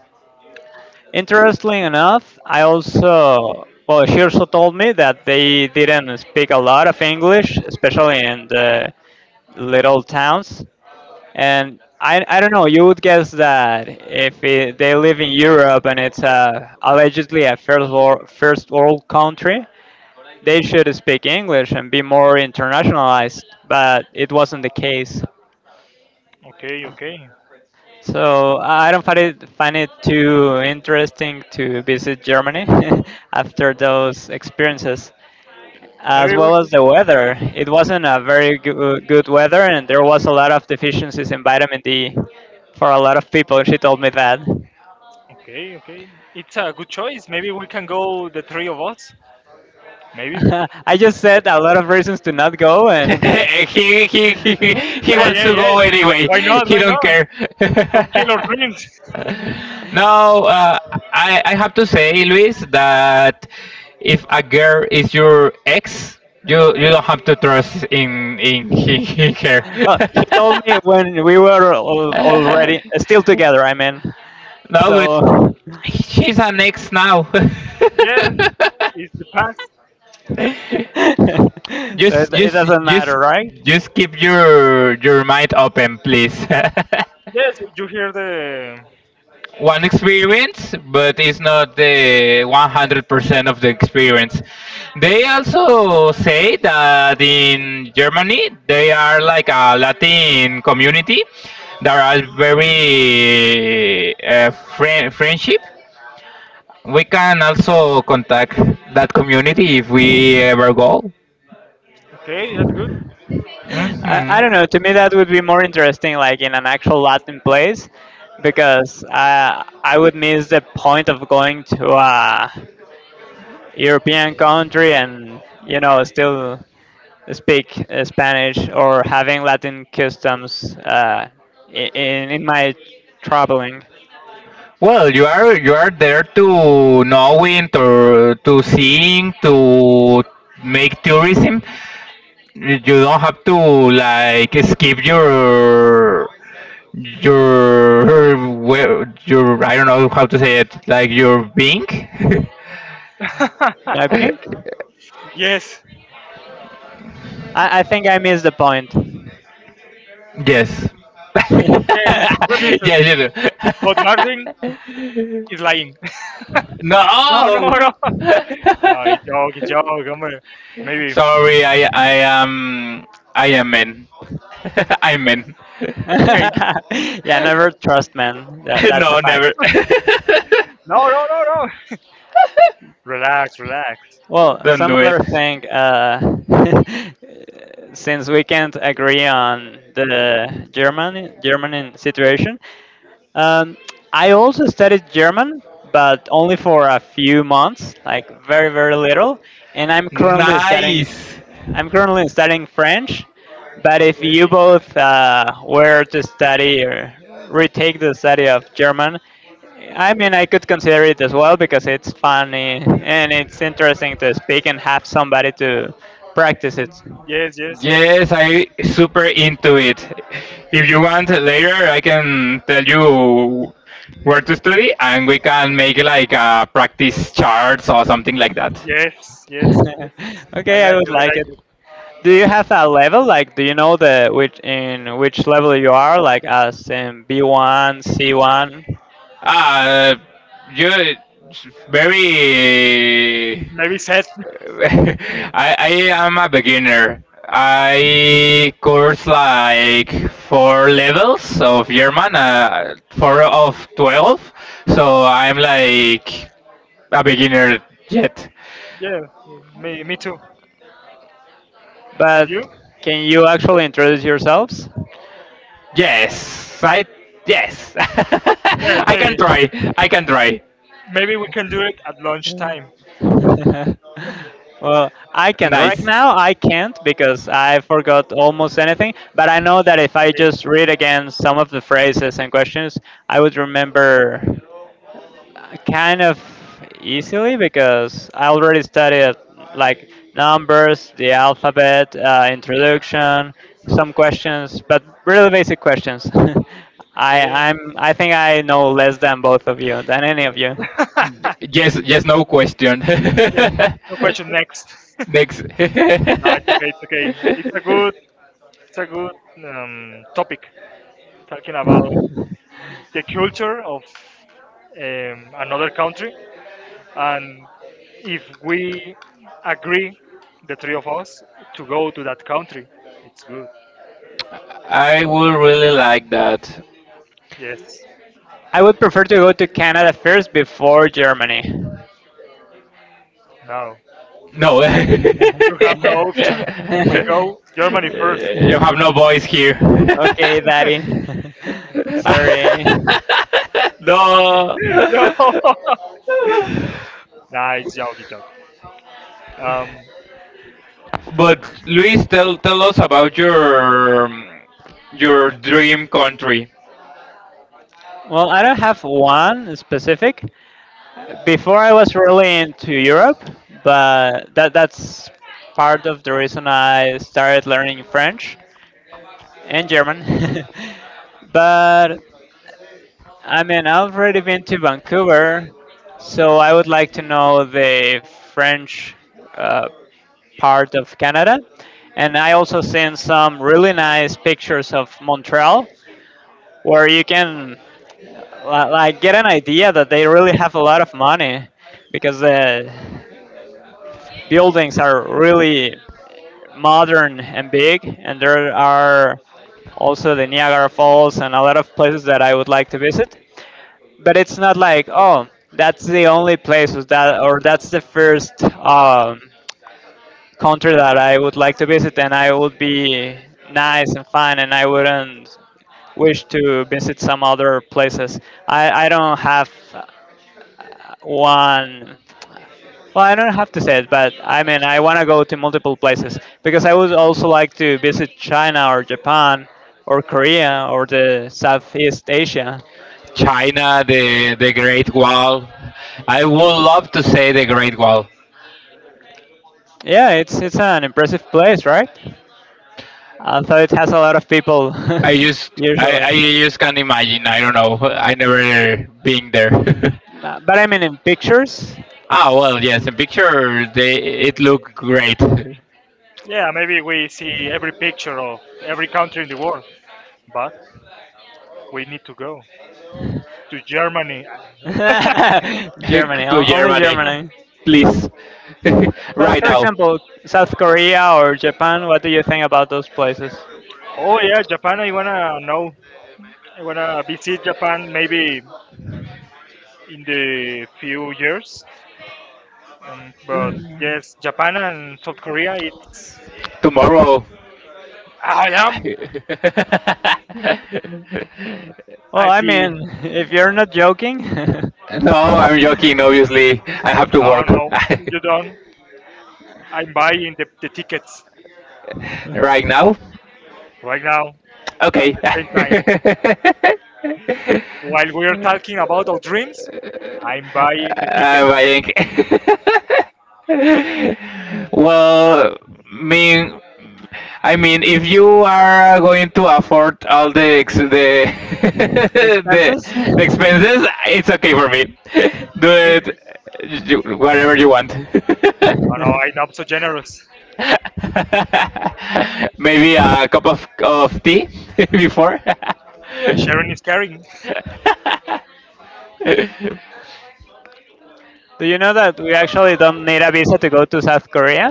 Interestingly enough, I also well, she also told me that they didn't speak a lot of English, especially in the little towns. And I, I don't know, you would guess that if it, they live in Europe and it's uh, allegedly a first world, first world country, they should speak English and be more internationalized, but it wasn't the case.
Okay. Okay.
So I don't find it find it too interesting to visit Germany after those experiences, as
Maybe we.
well as the weather. It wasn't a very goo- good weather, and there was a lot of deficiencies in vitamin D for a lot of people. She told me that.
Okay. Okay. It's a good choice. Maybe we can go the three of us. Maybe.
I just said a lot of reasons to not go, and
he, he, he, he
Hey.
wants
Hey.
to go
Hey.
anyway.
Why not?
He
Why
don't
not?
care.
Don't kill our dreams.
No, uh, I, I have to say, Luis, that if a girl is your ex, you you don't have to trust in in, in, in her.
Well, she told me when we were al- already still together. I mean,
No, but
so so
she's an ex now.
Yes, it's the past.
it,
just
it
just
doesn't
just
matter, right?
just keep your your mind open, please.
Yes, you hear the.
One experience, but it's not the one hundred percent of the experience. They also say that in Germany they are like a Latin community that are very uh, friend, friendship. We can also contact that community if we ever go.
Okay, that's good.
I,
Hmm.
I don't know. To me, that would be more interesting, like in an actual Latin place, because I I would miss the point of going to a European country and you know still speak uh, Spanish or having Latin customs uh, i- in in my traveling.
Well, you are you are there to knowing, to to seeing, to make tourism, you don't have to like skip your your web your I don't know how to say it like your Bing.
I think
Yes,
I, I think I missed the point.
Yes.
yes, we miss it.
Yes, you
But
do.
Martin is lying. No, no,
No.
no. Oh, it's joke, it's joke. Hombre. Maybe.
Sorry, I I am I am men. I'm men.
Okay.
Yeah, never trust men. That that's
No,
a
never.
fact.
No, no, no, no. Relax, relax.
Well,
Don't
some
do
other
it.
thing. Uh, since we can't agree on the German German situation, um, I also studied German, but only for a few months, like very very little. And I'm currently studying.
Nice.
I'm currently studying French, but if you
Okay.
both uh, were to study or retake the study of German, I mean I could consider it as well because it's funny and it's interesting to speak and have somebody to practice it.
Yes, yes, it's good.
Yes, I super into it. If you want later, I can tell you where to study, and we can make like a practice charts or something like that.
Yes, yes, yes. I
Okay, I
like
would
it. I
like
like
it.
it.
Do you have a level? Like, do you know the which in which level you are? Like, as in B one, C one.
Uh, you very.
Maybe sad.
I I am a beginner. I course like four levels of German, uh, four of twelve, so I'm like a beginner yet.
Yeah, me, me too. And
But
you?
can you actually introduce yourselves?
Yes, I yes.
Yes,
I can
maybe.
try. I can try.
Maybe we can do it at lunchtime.
Well, I can't right
Nice.
now. I can't because I forgot almost anything. But I know that if I
Okay.
just read again some of the phrases and questions, I would remember uh, kind of easily because I already studied like numbers, the alphabet, uh, introduction, some questions, but really basic questions. I I'm I think I know less than both of you than any of you.
Y-
Okay.
Yes, yes, no question.
Yeah. No question. Next.
Next.
No, it's okay. It's okay. It's a good. It's a good um, topic. Talking about the culture of um, another country, and if we agree, the three of us, to go to that country, it's good.
I would really like that.
Yes.
I would prefer to go to Canada first before Germany.
No.
No. You
You have no option. We go Germany first.
have no voice here.
Okay, Daddy. Sorry.
No.
No. Nah, it's joke. It's joke. Um,
But Luis, tell tell us about your um, your dream country,
Well, I don't have one specific. Before I was really into Europe, but that that's part of the reason I started learning French and German. But I mean, I've already been to Vancouver, so I would like to know the French uh, part of Canada. And I also seen some really nice pictures of Montreal where you can li- like get an idea that they really have a lot of money because the buildings are really modern and big and there are also the Niagara Falls and a lot of places that I would like to visit. But it's not like oh that's the only place was that or that's the first um, country that I would like to visit, and I would be nice and fine, and I wouldn't wish to visit some other places. I, I don't have uh, one. Well, I don't have to say it, but I mean, I want to go to multiple places because I would also like to visit China or Japan or Korea or the Southeast Asia.
China, the the Great Wall. I would love to say the Great Wall.
Yeah, it's it's an impressive place, right? Although it has a lot of people
I just I,
usually.
I just can't imagine. I don't know. I never been there.
Uh, But I mean, in pictures.
Ah well, yes. In picture, they it look great.
Yeah, maybe we see every picture of every country in the world, but we need to go to Germany.
Germany,
To
o- only
Germany,
Germany.
please,
But
right
for
now,
example, South Korea or Japan, what do you think about those places?
Oh yeah, Japan. I wanna know. I wanna visit Japan maybe in the few years. Um, but
Mm.
yes, Japan and South Korea. It's
tomorrow.
I am
Well,
at
I
the
mean, if you're not joking,
No, I'm joking. Obviously, I have to
no
work
no you don't. I'm buying the, the tickets
right now.
right now at
Okay.
the same time while we are talking about our dreams. I'm buying the tickets.
um, I think. Well, mean, I mean, if you are uh, going to afford all the ex- the, the
expenses.
expenses, it's okay for me. Do it you, whatever you want.
No, no, I'm not so generous.
Maybe a cup of, of tea before.
Sharing is caring.
Do you know that we actually don't need a visa to go to South Korea?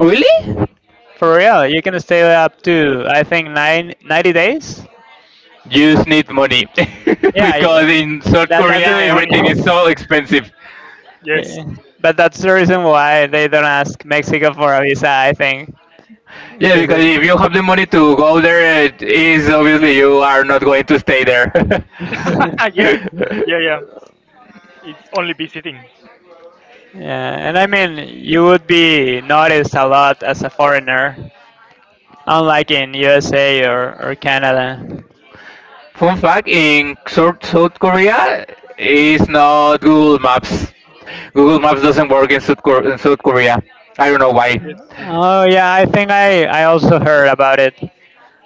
Really?
For real, you can stay up to I think nine ninety days.
You just need money
Yeah,
because in
y-
South
that
We
that's
Korea
need
the reason.
everything
money.
is so expensive.
Yes.
Yeah. But that's the reason why they don't ask Mexico for a visa, I think,
Yeah,
because
because
it.
if you have the money to go there, it is obviously you are not going to stay there.
Yeah, yeah, yeah. It's only visiting.
Yeah, and I mean, you would be noticed a lot as a foreigner, unlike in U S A or, or Canada.
Fun fact: In South South Korea, is not Google Maps. Google Maps doesn't work in South, Kor- in South Korea. I don't know why.
Yes.
Oh yeah, I think I, I also heard about it,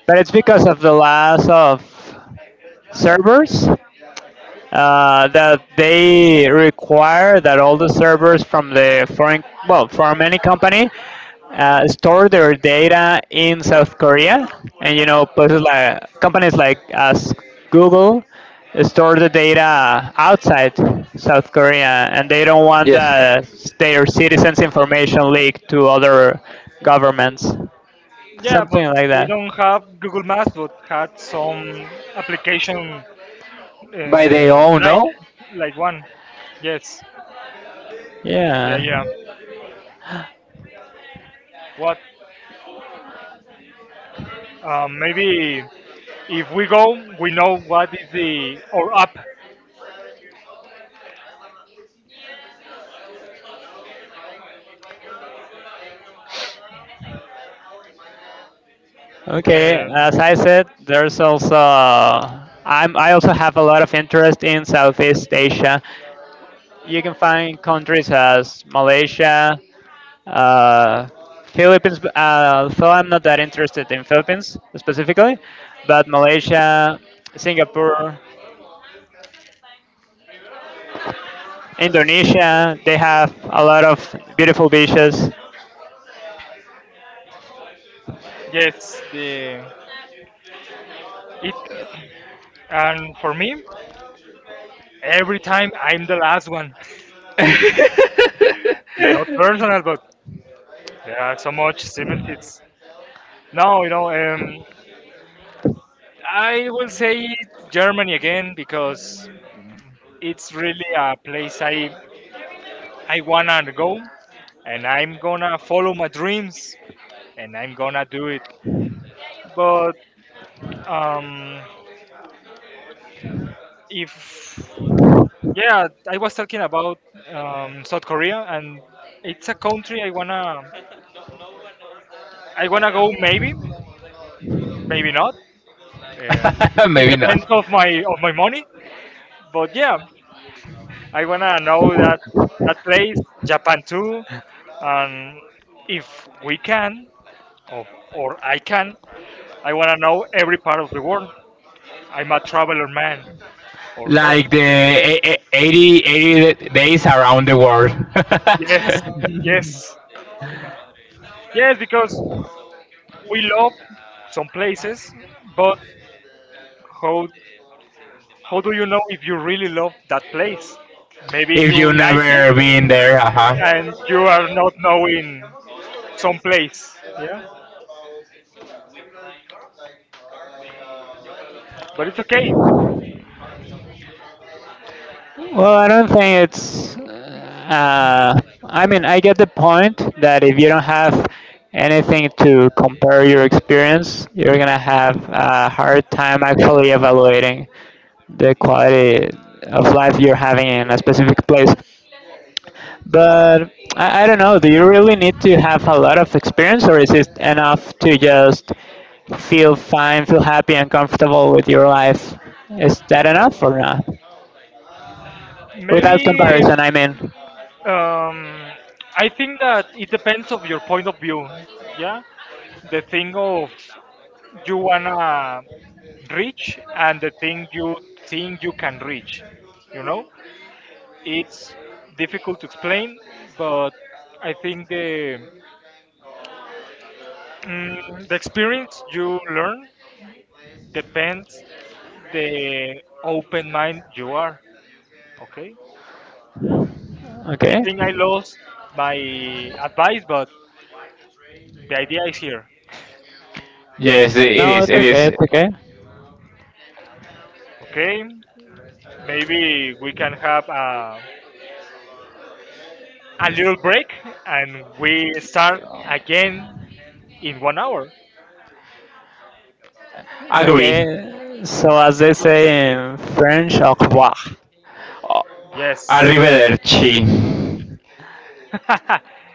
but it's because of the loss of servers. Uh, that they require that all the servers from the foreign, well, from any company, uh, store their data in South Korea. And you know, places like companies like us, Google, store the data outside South Korea, and they don't want
Yes.
uh, their citizens' information leaked to other governments.
Yeah, but
Something like
they
that.
don't have Google Maps, but had some application
By the,
uh, like
no?
like one. Yes. Yeah,
Yeah.
yeah. What? Um, maybe if we go, we know what is the or app.
Okay,
Um,
as I said, there's also I'm I also have a lot of interest in Southeast Asia. You can find countries as Malaysia, uh, Philippines. Uh, though I'm not that interested in Philippines specifically, but Malaysia, Singapore, Indonesia. They have a lot of beautiful beaches.
yes, the it. And for me, every time I'm the last one. It's not personal, but there are so much similarities. No, you know, um, I will say Germany again because it's really a place I I wanna go, and I'm gonna follow my dreams, and I'm gonna do it. But um, if yeah, I was talking about um, South Korea, and it's a country I wanna I wanna go maybe, maybe not. Um, it
Maybe not.
depends of my of my money. But yeah, I wanna know that that place, Japan too, and if we can, or, or I can, I wanna know every part of the world. I'm a traveler man or
Like
person.
the e- e- 80, eighty days around the world.
Yes, yes, yes, because we love some places, but how how do you know if you really love that place? Maybe
If you
you like it
never been there, uh huh.
and you are not knowing some place, yeah. But it's okay.
Well, I don't think it's. Uh, I mean, I get the point that if you don't have anything to compare your experience, you're gonna have a hard time actually evaluating the quality of life you're having in a specific place. But I, I don't know. Do you really need to have a lot of experience, or is it enough to just feel fine, feel happy, and comfortable with your life? Is that enough or not? Without
Maybe
comparison, I mean.
Um, I think that it depends of your point of view. Yeah, the thing of you wanna reach and the thing you think you can reach. You know, it's difficult to explain, but I think the mm, the experience you learn depends the open mind you are. Okay, I
Okay.
think I lost my advice, but the idea is here.
Yes, it
No,
is,
it's
it
okay.
is.
It's okay.
Okay. Maybe we can have a a little break and we start again in one hour.
Agree.
Okay. So as
Okay,
they
okay.
say in French, au revoir.
Yes.
Arrivederci.